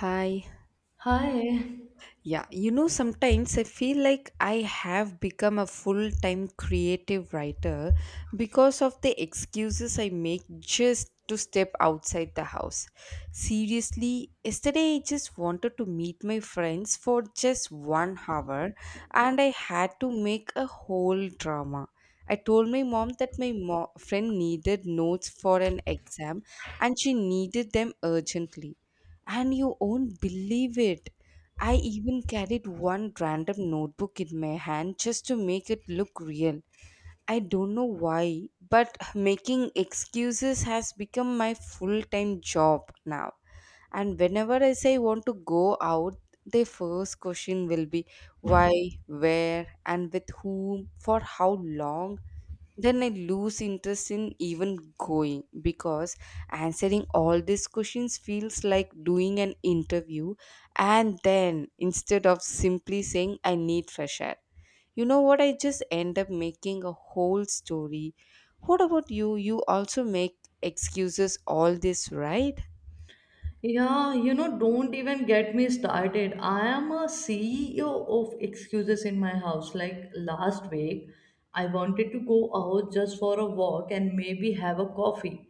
Hi. Hi. Yeah, you know, sometimes I feel like I have become a full time creative writer because of the excuses I make just to step outside the house. Seriously, yesterday I just wanted to meet my friends for just 1 hour and I had to make a whole drama. I told my mom that my friend needed notes for an exam and she needed them urgently. And you won't believe it, I even carried one random notebook in my hand just to make it look real. I don't know why, but making excuses has become my full time job now. And whenever I say I want to go out, the first question will be why, where, and with whom, for how long. Then I lose interest in even going because answering all these questions feels like doing an interview, and then instead of simply saying I need fresh air. You know what? I just end up making a whole story. What about you? You also make excuses all this, right? Yeah, you know, don't even get me started. I am a CEO of excuses in my house. Like last week, I wanted to go out just for a walk and maybe have a coffee.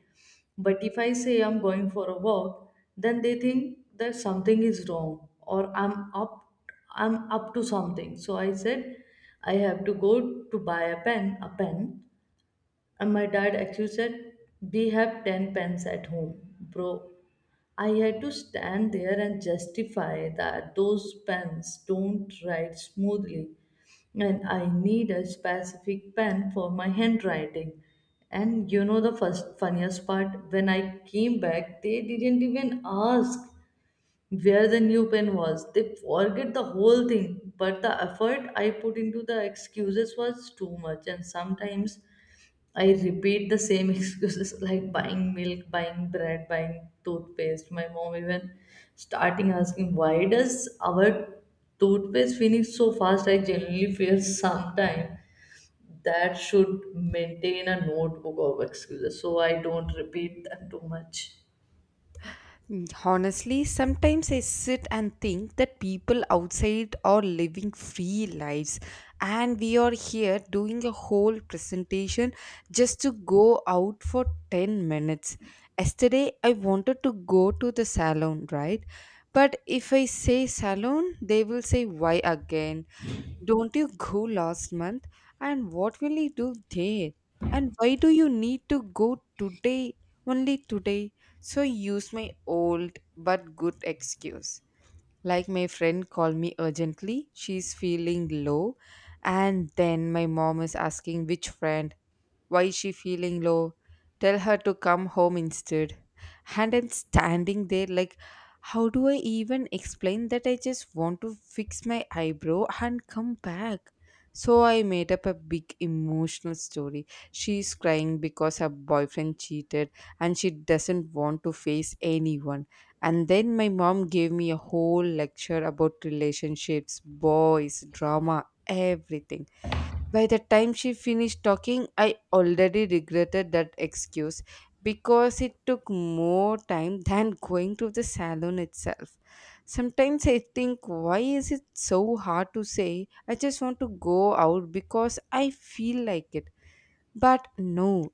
But if I say I'm going for a walk, then they think that something is wrong or I'm up to something. So I said I have to go to buy a pen, a pen. And my dad actually said, we have 10 pens at home, bro. I had to stand there and justify that those pens don't write smoothly and I need a specific pen for my handwriting. And you know the first funniest part when I came back they didn't even ask where the new pen was. They forget the whole thing, but the effort I put into the excuses was too much, and sometimes I repeat the same excuses like buying milk, buying bread, buying toothpaste. My mom even starting asking, why does our toothpaste finish so fast? I genuinely feel sometime that should maintain a notebook of excuses so I don't repeat them too much. Honestly, sometimes I sit and think that people outside are living free lives, and we are here doing a whole presentation just to go out for 10 minutes. Yesterday, I wanted to go to the salon, right? But if I say salon, they will say why again? Don't you go last month? And what will you do there? And why do you need to go today? Only today. So I use my old but good excuse. Like my friend called me urgently. She's feeling low. And then my mom is asking which friend, why is she feeling low? Tell her to come home instead. And I'm standing there like, how do I even explain that I just want to fix my eyebrow and come back? So I made up a big emotional story. She's crying because her boyfriend cheated and she doesn't want to face anyone. And then my mom gave me a whole lecture about relationships, boys, drama, everything. By the time she finished talking, I already regretted that excuse because it took more time than going to the salon itself. Sometimes I think, why is it so hard to say? I just want to go out because I feel like it. But no,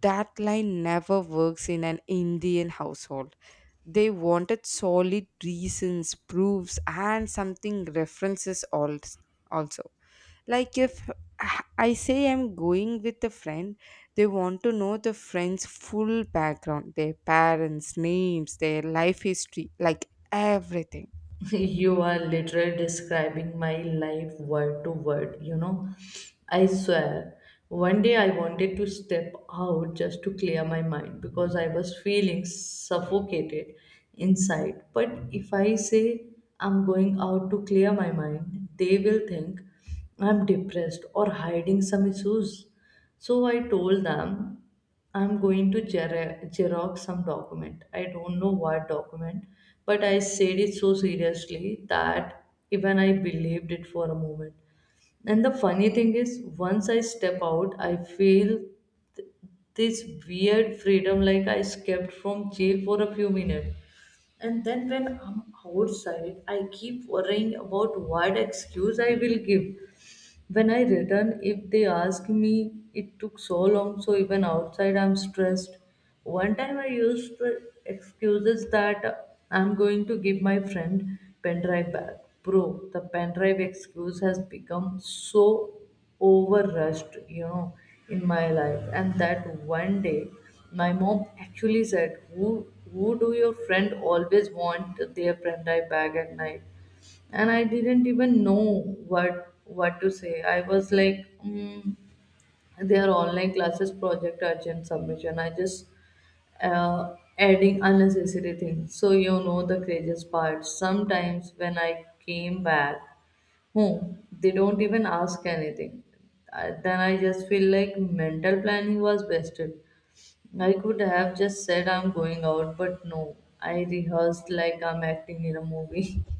that line never works in an Indian household. They wanted solid reasons, proofs, and something references also. Like if I say I'm going with a friend, they want to know the friend's full background, their parents, names, their life history, like everything. You are literally describing my life word to word, you know. I swear, one day I wanted to step out just to clear my mind because I was feeling suffocated inside. But if I say I'm going out to clear my mind, they will think I'm depressed or hiding some issues. So I told them I'm going to Xerox some document. I don't know what document, but I said it so seriously that even I believed it for a moment. And the funny thing is, once I step out, I feel th- this weird freedom like I escaped from jail for a few minutes. And then when I'm outside, I keep worrying about what excuse I will give when I return, if they ask me, it took so long, so even outside I'm stressed. One time I used the excuses that I'm going to give my friend pen drive back. Bro, the pen drive excuse has become so over rushed, you know, in my life. And that one day, my mom actually said, who do your friend always want their pen drive back at night?" And I didn't even know what to say. I was like, they are online classes, project urgent submission. I just adding unnecessary things. So you know the craziest part. Sometimes when I came back home, they don't even ask anything. Then I just feel like mental planning was wasted. I could have just said I'm going out, but no, I rehearsed like I'm acting in a movie.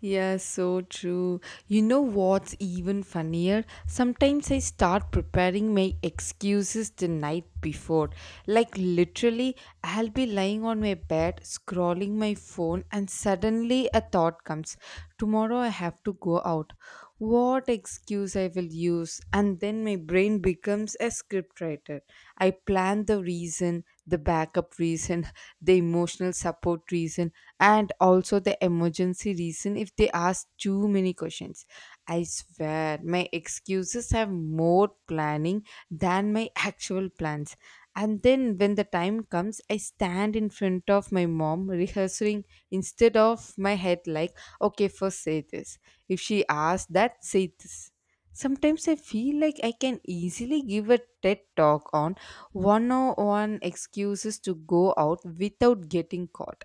Yeah, so true. You know what's even funnier? Sometimes I start preparing my excuses the night before. Like, literally, I'll be lying on my bed, scrolling my phone, and suddenly a thought comes. Tomorrow I have to go out. What excuse I will use? And then my brain becomes a scriptwriter. I plan the reason, the backup reason, the emotional support reason, and also the emergency reason if they ask too many questions. I swear, my excuses have more planning than my actual plans. And then when the time comes, I stand in front of my mom rehearsing instead of my head, like, okay, first say this. If she asks that, say this. Sometimes I feel like I can easily give a TED talk on 101 excuses to go out without getting caught,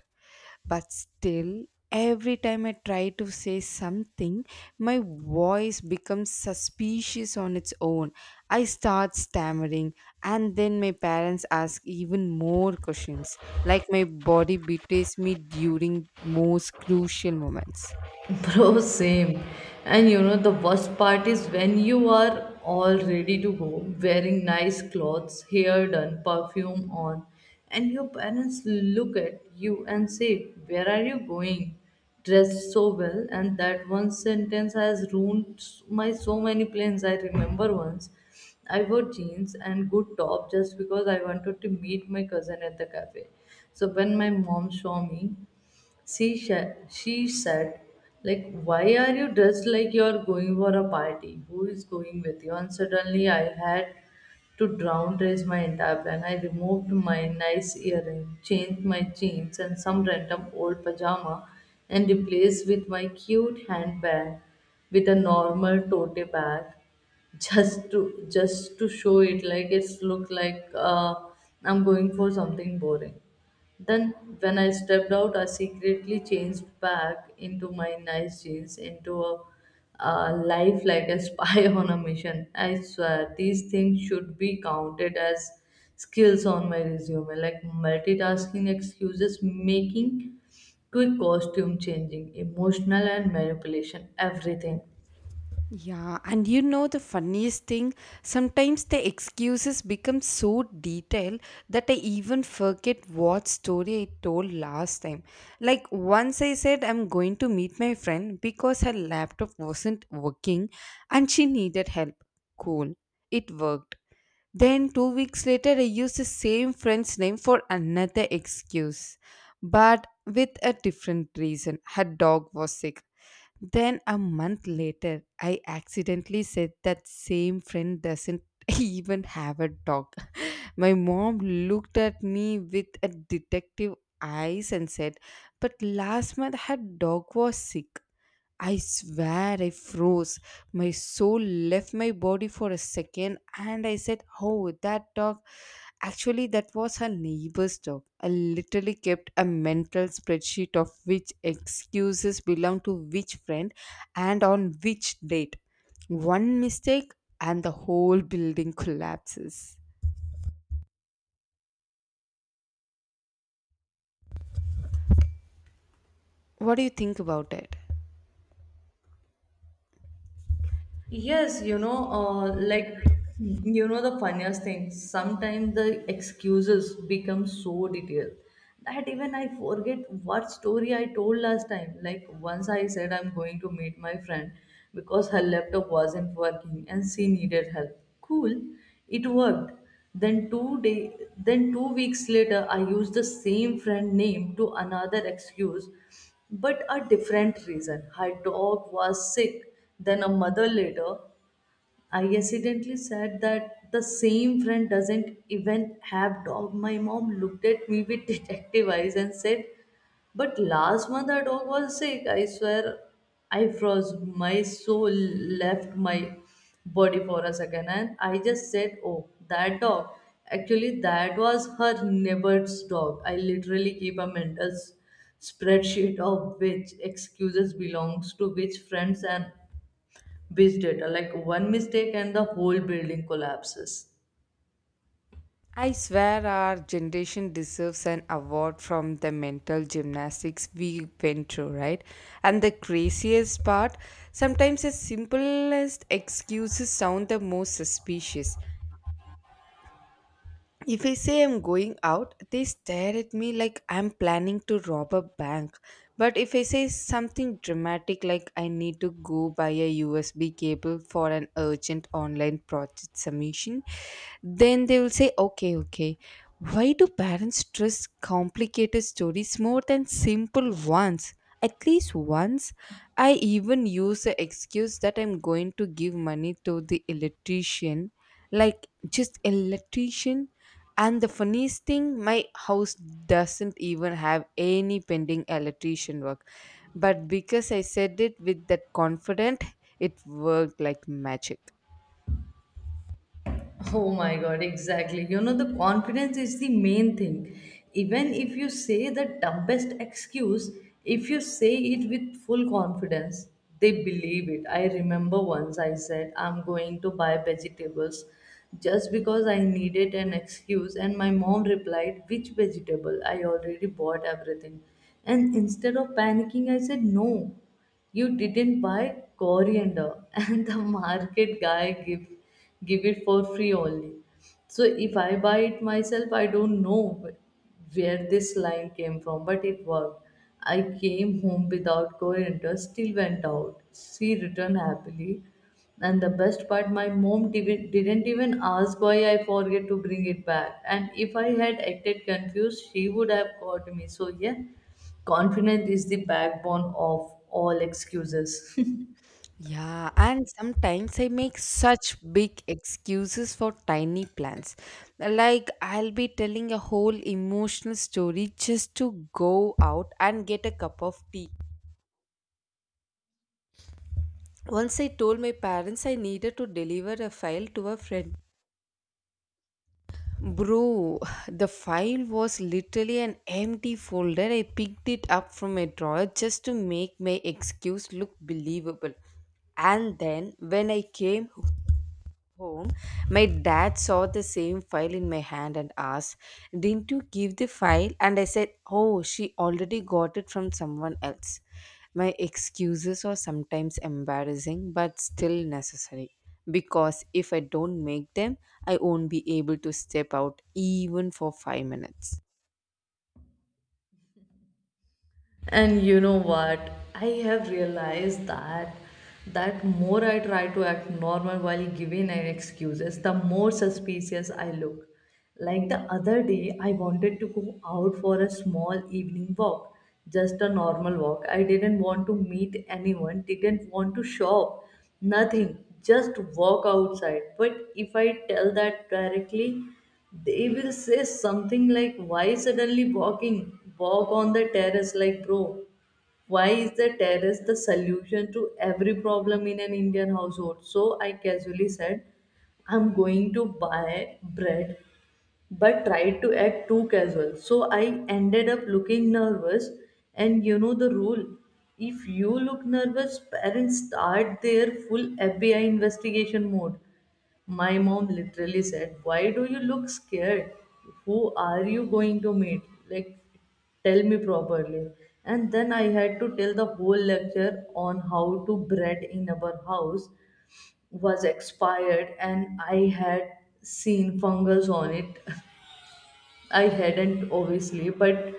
but still, every time I try to say something, my voice becomes suspicious on its own. I start stammering, and then my parents ask even more questions, like my body betrays me during most crucial moments. Bro, same. And you know, the worst part is when you are all ready to go, wearing nice clothes, hair done, perfume on, and your parents look at you and say, where are you going? Dressed so well, and that one sentence has ruined my so many plans. I remember once I wore jeans and good top just because I wanted to meet my cousin at the cafe. So when my mom saw me, she said, like, why are you dressed like you're going for a party? Who is going with you? And suddenly I had to down raise my entire plan. I removed my nice earring, changed my jeans and some random old pajama and replaced with my cute handbag with a normal tote bag just to show it like it's look like I'm going for something boring. Then when I stepped out, I secretly changed back into my nice jeans into a life like a spy on a mission. I swear these things should be counted as skills on my resume, like multitasking excuses making, quick costume changing, emotional and manipulation, everything. Yeah, and you know the funniest thing? Sometimes the excuses become so detailed that I even forget what story I told last time. Like once I said I'm going to meet my friend because her laptop wasn't working and she needed help. Cool. It worked. Then 2 weeks later I used the same friend's name for another excuse. But with a different reason. Her dog was sick. Then a month later, I accidentally said that same friend doesn't even have a dog. My mom looked at me with a detective eyes and said, but last month her dog was sick. I swear I froze. My soul left my body for a second and I said, oh, that dog. Actually, that was her neighbor's dog. I literally kept a mental spreadsheet of which excuses belong to which friend and on which date. One mistake and the whole building collapses. What do you think about it? Yes, you know, the funniest thing. Sometimes the excuses become so detailed that even I forget what story I told last time. Like once I said I'm going to meet my friend because her laptop wasn't working and she needed help. Cool, it worked. Then 2 weeks later, I used the same friend name to another excuse, but a different reason. Her dog was sick. Then a mother later, I accidentally said that the same friend doesn't even have dog. My mom looked at me with detective eyes and said, but last month our dog was sick. I swear I froze. My soul left my body for a second and I just said, oh, that dog. Actually, that was her neighbor's dog. I literally keep a mental spreadsheet of which excuses belongs to which friends and which data. Like one mistake and the whole building collapses. I swear our generation deserves an award from the mental gymnastics we went through, right? And the craziest part, sometimes the simplest excuses sound the most suspicious. If I say I'm going out, they stare at me like I'm planning to rob a bank. But if I say something dramatic like I need to go buy a USB cable for an urgent online project submission, then they will say, okay, okay. Why do parents stress complicated stories more than simple ones? At least once, I even use the excuse that I'm going to give money to the electrician. Like, just electrician? And the funniest thing, my house doesn't even have any pending electrician work. But because I said it with that confident, it worked like magic. Oh my God, exactly. You know, the confidence is the main thing. Even if you say the dumbest excuse, if you say it with full confidence, they believe it. I remember once I said, I'm going to buy vegetables just because I needed an excuse, and my mom replied, which vegetable? I already bought everything. And instead of panicking, I said, no, you didn't buy coriander and the market guy give it for free only, so if I buy it myself, I don't know where this line came from, but it worked. I came home without coriander, still went out, she returned happily, and the best part, my mom didn't even ask why I forget to bring it back. And if I had acted confused, she would have caught me. So yeah, confidence is the backbone of all excuses. Yeah, and sometimes I make such big excuses for tiny plans. Like I'll be telling a whole emotional story just to go out and get a cup of tea. Once I told my parents I needed to deliver a file to a friend. Bro, the file was literally an empty folder. I picked it up from a drawer just to make my excuse look believable. And then when I came home, my dad saw the same file in my hand and asked, didn't you give the file? And I said, oh, she already got it from someone else. My excuses are sometimes embarrassing but still necessary because if I don't make them, I won't be able to step out even for 5 minutes. And you know what? I have realized that more I try to act normal while giving an excuses, the more suspicious I look. Like the other day, I wanted to go out for a small evening walk, just a normal walk. I didn't want to meet anyone, didn't want to shop, nothing, just walk outside. But if I tell that directly, they will say something like, why suddenly walking? Walk on the terrace, like, bro. Why is the terrace the solution to every problem in an Indian household? So I casually said, I'm going to buy bread but tried to act too casual. So I ended up looking nervous. And you know the rule, if you look nervous, parents start their full FBI investigation mode. My mom literally said, why do you look scared? Who are you going to meet? Like, tell me properly. And then I had to tell the whole lecture on how to bread in our house was expired and I had seen fungus on it. I hadn't obviously, but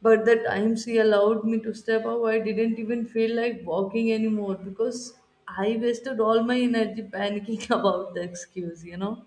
the times he allowed me to step out, I didn't even feel like walking anymore because I wasted all my energy panicking about the excuse, you know.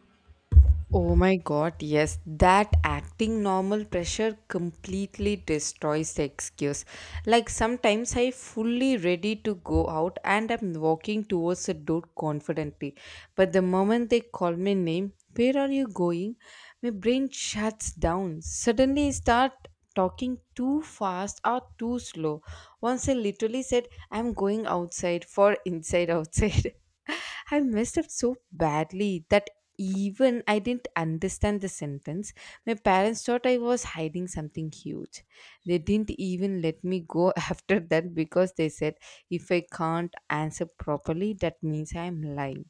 Oh my god, yes, that acting normal pressure completely destroys the excuse. Like sometimes I fully ready to go out and I'm walking towards the door confidently. But the moment they call my name, where are you going? My brain shuts down. Suddenly I start talking too fast or too slow. Once I literally said I'm going outside for inside outside. I messed up so badly that even I didn't understand the sentence. My parents thought I was hiding something huge. They didn't even let me go after that because they said if I can't answer properly, that means I'm lying.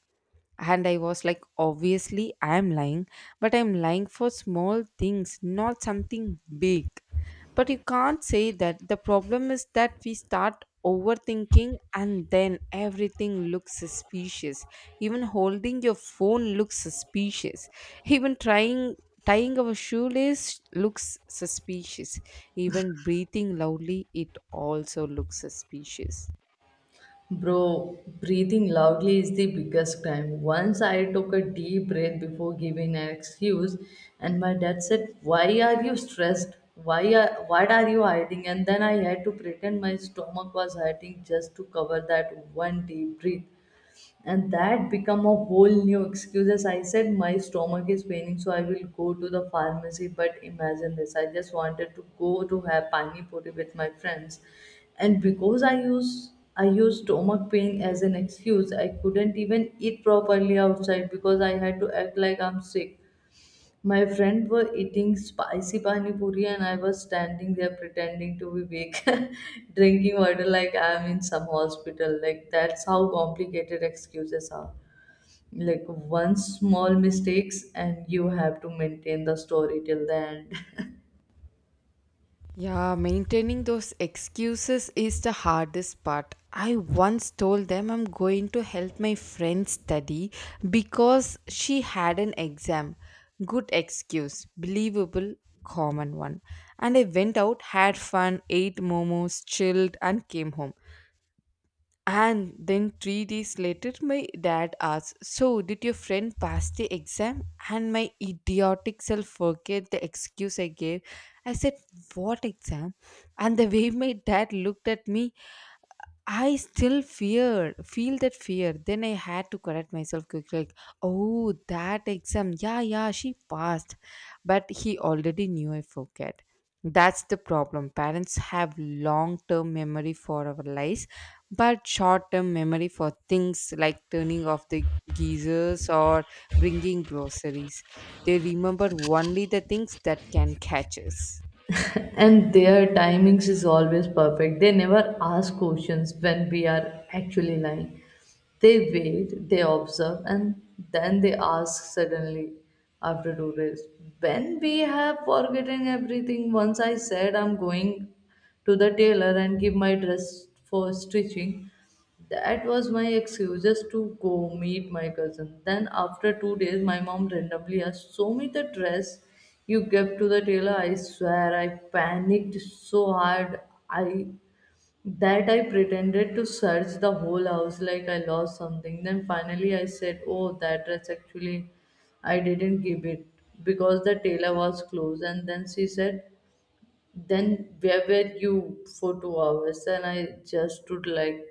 And I was like, obviously I am lying, but I'm lying for small things, not something big. But you can't say that. The problem is that we start overthinking and then everything looks suspicious. Even holding your phone looks suspicious. Even trying tying our shoelace looks suspicious. Even breathing loudly, it also looks suspicious. Bro, breathing loudly is the biggest crime. Once I took a deep breath before giving an excuse, and my dad said, "Why are you stressed? Why are What are you hiding?" And then I had to pretend my stomach was hurting just to cover that one deep breath. And that become a whole new excuses. I said my stomach is paining so I will go to the pharmacy, but imagine this, I just wanted to go to have pani puri with my friends, and because I used stomach pain as an excuse, I couldn't even eat properly outside because I had to act like I'm sick. My friend were eating spicy pani puri and I was standing there pretending to be weak, drinking water like I'm in some hospital. Like that's how complicated excuses are. Like one small mistakes and you have to maintain the story till the end. Yeah, maintaining those excuses is the hardest part. I once told them I'm going to help my friend study because she had an exam. Good excuse, believable, common one. And I went out, had fun, ate momos, chilled, and came home. And then 3 days later, my dad asked, so, did your friend pass the exam? And my idiotic self forget the excuse I gave. I said, what exam? And the way my dad looked at me, I still feel that fear. Then I had to correct myself quickly. Like, oh, that exam. Yeah, yeah, she passed. But he already knew I forget. That's the problem. Parents have long term memory for our lives, but short term memory for things like turning off the geysers or bringing groceries. They remember only the things that can catch us. And their timings is always perfect. They never ask questions when we are actually lying. They wait, they observe, and then they ask suddenly after 2 days, when we have forgotten everything. Once I said I'm going to the tailor and give my dress for stitching, that was my excuse just to go meet my cousin. Then, after 2 days, my mom randomly asked, show me the dress you gave to the tailor. I swear, I panicked so hard. I That I pretended to search the whole house like I lost something. Then finally I said, oh, that dress actually I didn't give it because the tailor was closed. And then she said, then where were you for 2 hours? And I just stood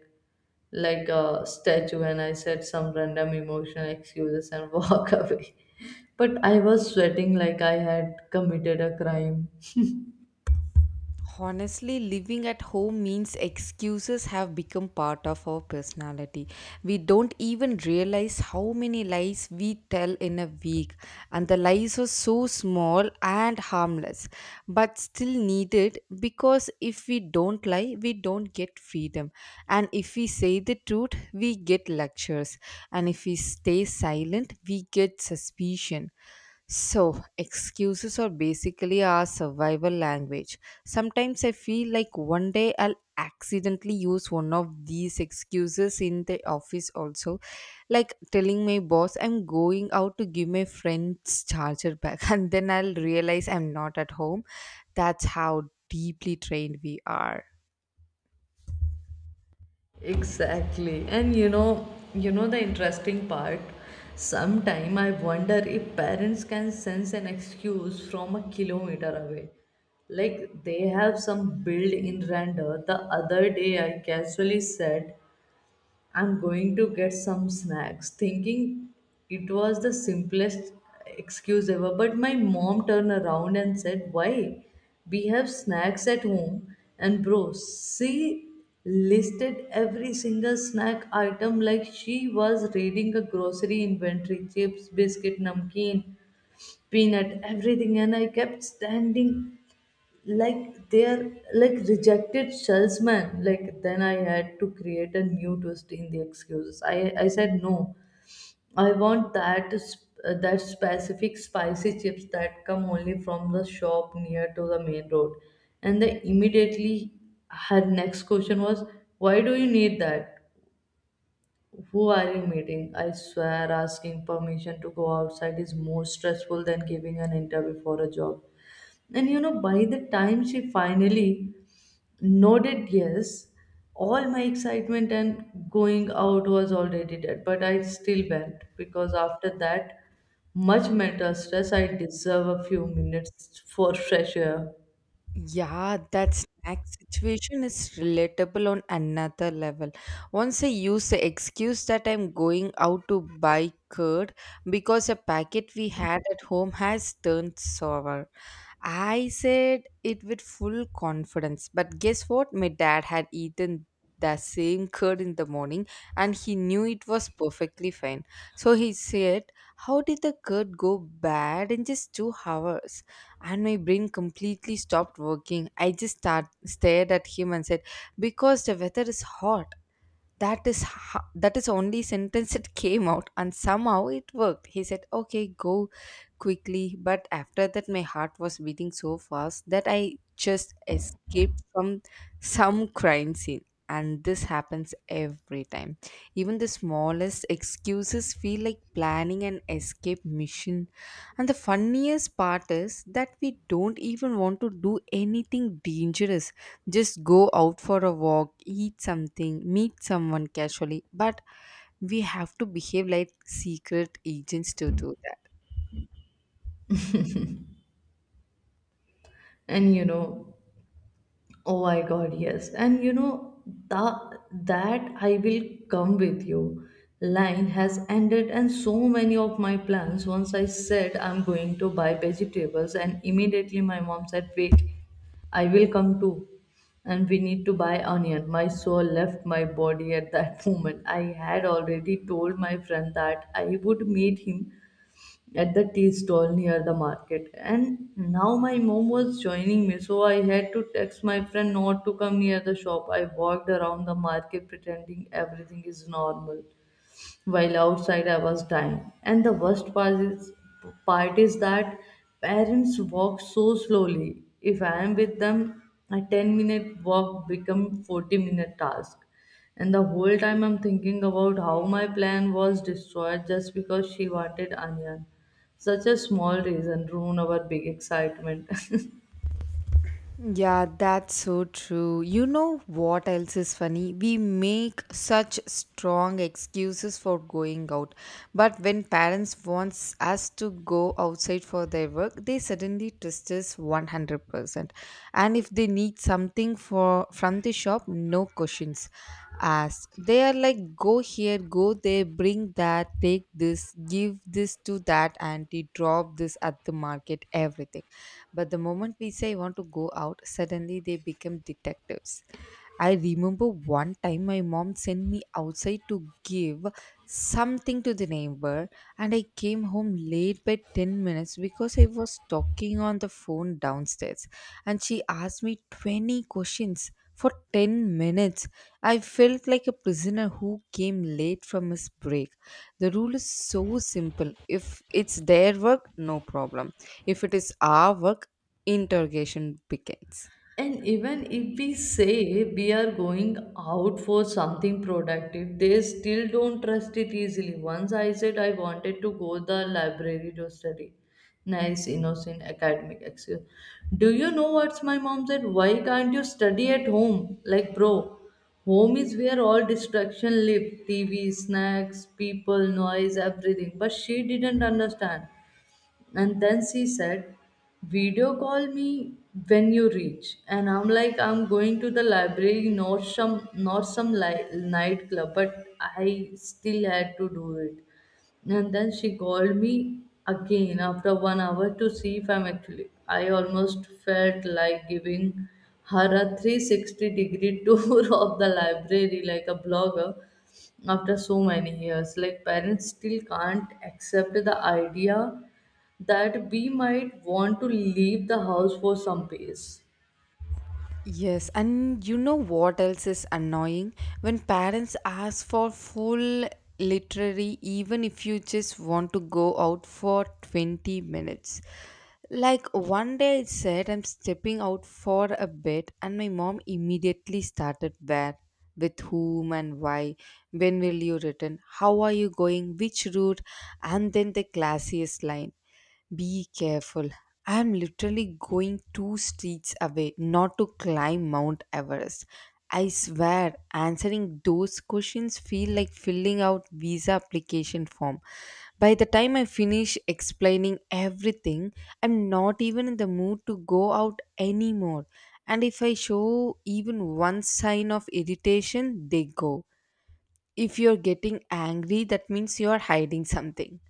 like a statue and I said some random emotional excuses and walk away. But I was sweating like I had committed a crime. Honestly, living at home means excuses have become part of our personality. We don't even realize how many lies we tell in a week, and the lies are so small and harmless, but still needed because if we don't lie, we don't get freedom. And if we say the truth, we get lectures, and if we stay silent, we get suspicion. So, excuses are basically our survival language. Sometimes I feel like one day I'll accidentally use one of these excuses in the office also, like telling my boss I'm going out to give my friend's charger back, and then I'll realize I'm not at home. That's how deeply trained we are. Exactly. You know the interesting part. Sometime I wonder if parents can sense an excuse from a kilometer away. Like they have some build in render. The other day I casually said I'm going to get some snacks, thinking it was the simplest excuse ever. But my mom turned around and said, why? We have snacks at home. And bro, she listed every single snack item like she was reading a grocery inventory chips, biscuit, namkeen, peanut, everything. And I kept standing like they're like rejected salesman. Like then I had to create a new twist in the excuses. I said, no, I want that that specific spicy chips that come only from the shop near to the main road. And they immediately, her next question was, why do you need that? Who are you meeting? I swear asking permission to go outside is more stressful than giving an interview for a job. And by the time she finally nodded yes, all my excitement and going out was already dead, but I still went because after that much mental stress, I deserve a few minutes for fresh air. Yeah, that snack situation is relatable on another level. Once I used the excuse that I'm going out to buy curd because a packet we had at home has turned sour. I said it with full confidence, but guess what? My dad had eaten the same curd in the morning and he knew it was perfectly fine. So he said, how did the curd go bad in just 2 hours? And my brain completely stopped working. I stared at him and said, "Because the weather is hot." That is only sentence it came out, and somehow it worked. He said, "Okay, go quickly." But after that my heart was beating so fast that I just escaped from some crime scene. And this happens every time. Even the smallest excuses feel like planning an escape mission, and the funniest part is that we don't even want to do anything dangerous. Just go out for a walk, eat something, meet someone casually. But we have to behave like secret agents to do that. And oh my God, yes. And that, that I will come with you line has ended, and so many of my plans. Once I said I'm going to buy vegetables, and immediately my mom said, wait, I will come too. And we need to buy onion. My soul left my body at that moment. I had already told my friend that I would meet him at the tea stall near the market. And now my mom was joining me, so I had to text my friend not to come near the shop. I walked around the market pretending everything is normal, while outside I was dying. And the worst part is that parents walk so slowly. If I am with them, a 10-minute walk become 40-minute task. And the whole time I'm thinking about how my plan was destroyed just because she wanted onion. Such a small reason ruin our big excitement. Yeah, that's so true. You know what else is funny? We make such strong excuses for going out. But when parents wants us to go outside for their work, they suddenly twist us 100%. And if they need something for from the shop, no questions asked. They are like, go here, go there, bring that, take this, give this to that auntie, drop this at the market, everything. But the moment we say I want to go out, suddenly they become detectives. I remember one time my mom sent me outside to give something to the neighbor, and I came home late by 10 minutes because I was talking on the phone downstairs. And she asked me 20 questions for 10 minutes. I felt like a prisoner who came late from his break. The rule is so simple: if it's their work, no problem. If it is our work, interrogation begins. And even if we say we are going out for something productive, they still don't trust it easily. Once I said I wanted to go the library to study. Nice, innocent, academic excuse. Do you know what's my mom said? Why can't you study at home? Like, bro, home is where all distraction live. TV, snacks, people, noise, everything. But she didn't understand. And then she said, video call me when you reach. And I'm like, I'm going to the library, not some, not some li- nightclub, but I still had to do it. And then she called me again after 1 hour to see if I'm actually. I almost felt like giving her a 360 degree tour of the library like a blogger after so many years. Like, parents still can't accept the idea that we might want to leave the house for some days. Yes, and you know what else is annoying? When parents ask for full literary, even if you just want to go out for 20 minutes. Like one day I said, I'm stepping out for a bit, and my mom immediately started: where, with whom, and why, when will you return, how are you going, which route, and then the classiest line: be careful. I'm literally going two streets away, not to climb Mount Everest. I swear, answering those questions feel like filling out visa application form. By the time I finish explaining everything, I'm not even in the mood to go out anymore. And if I show even one sign of irritation, they go, if you're getting angry that means you're hiding something.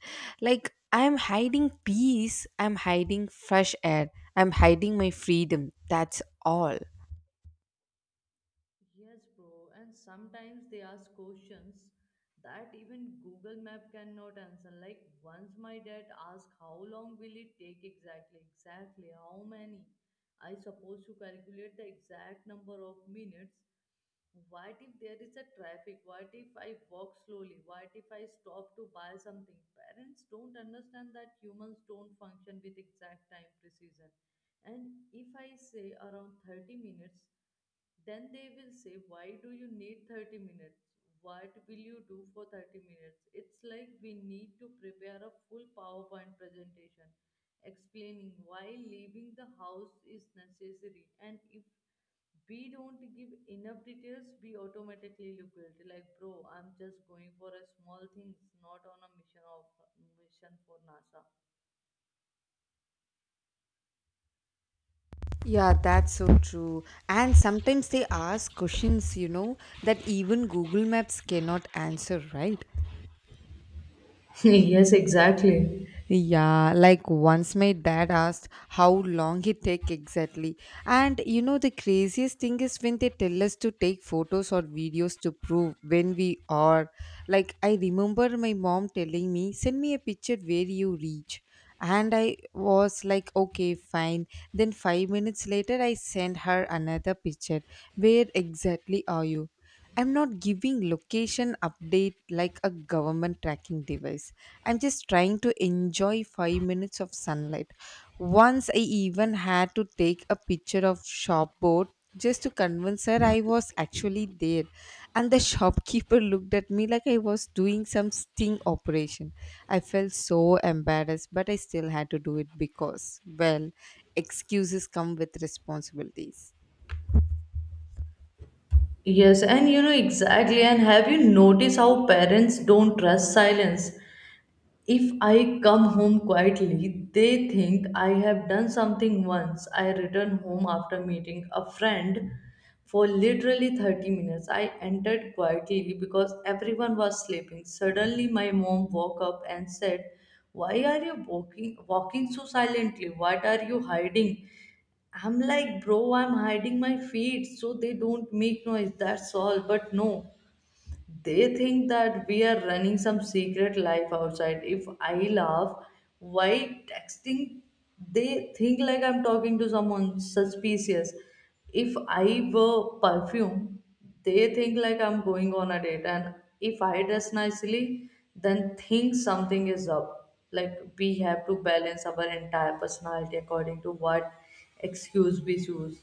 Like, I'm hiding peace, I'm hiding fresh air, I'm hiding my freedom, that's all. Yes, bro. And sometimes they ask questions that even Google Map cannot answer. Like once my dad asked, how long will it take exactly? Exactly how many? I suppose to calculate the exact number of minutes, what if there is a traffic, what if I walk slowly, what if I stop to buy something? Parents don't understand that humans don't function with exact time precision. And if I say around 30 minutes, then they will say, why do you need 30 minutes? What will you do for 30 minutes? It's like we need to prepare a full PowerPoint presentation explaining why leaving the house is necessary. And if we don't give enough details, we automatically look guilty. Like, bro, I'm just going for a small things, not on a mission for NASA. Yeah, that's so true. And sometimes they ask questions, you know, that even Google Maps cannot answer, right? Yes, exactly. Yeah, like once my dad asked how long it take exactly. And you know the craziest thing is when they tell us to take photos or videos to prove when we are. Like I remember my mom telling me, "Send me a picture where you reach." And I was like, "Okay, fine." Then 5 minutes later I sent her another picture. "Where exactly are you?" I'm not giving location update like a government tracking device. I'm just trying to enjoy 5 minutes of sunlight. Once I even had to take a picture of shopboard just to convince her I was actually there. And the shopkeeper looked at me like I was doing some sting operation. I felt so embarrassed, but I still had to do it because, well, excuses come with responsibilities. Yes, and you know exactly. And have you noticed how parents don't trust silence? If I come home quietly, they think I have done something. Once I return home after meeting a friend for literally 30 minutes. I entered quietly because everyone was sleeping. Suddenly, my mom woke up and said, why are you walking so silently? What are you hiding? I'm like, bro, I'm hiding my feet so they don't make noise. That's all. But no. They think that we are running some secret life outside. If I laugh while texting, they think like I'm talking to someone suspicious. If I wear perfume, they think like I'm going on a date. And if I dress nicely, then think something is up. Like we have to balance our entire personality according to what excuse we choose.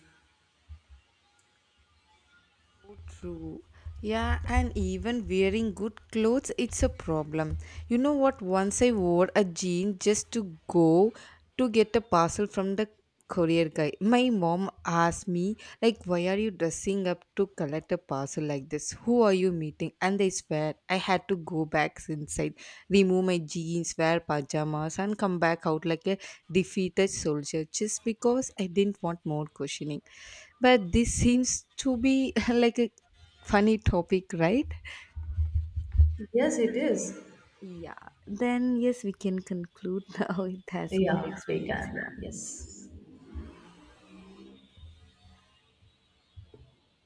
True. Yeah, and even wearing good clothes, it's a problem. You know what? Once I wore a jean just to go to get a parcel from the courier guy. My mom asked me, like, why are you dressing up to collect a parcel like this? Who are you meeting? And I swear, I had to go back inside, remove my jeans, wear pajamas, and come back out like a defeated soldier just because I didn't want more questioning. But this seems to be like a Funny topic, right? Yes, it is. Yeah. Then yes, we can conclude now. It has good Yeah, we experience. can. Yeah. Yes.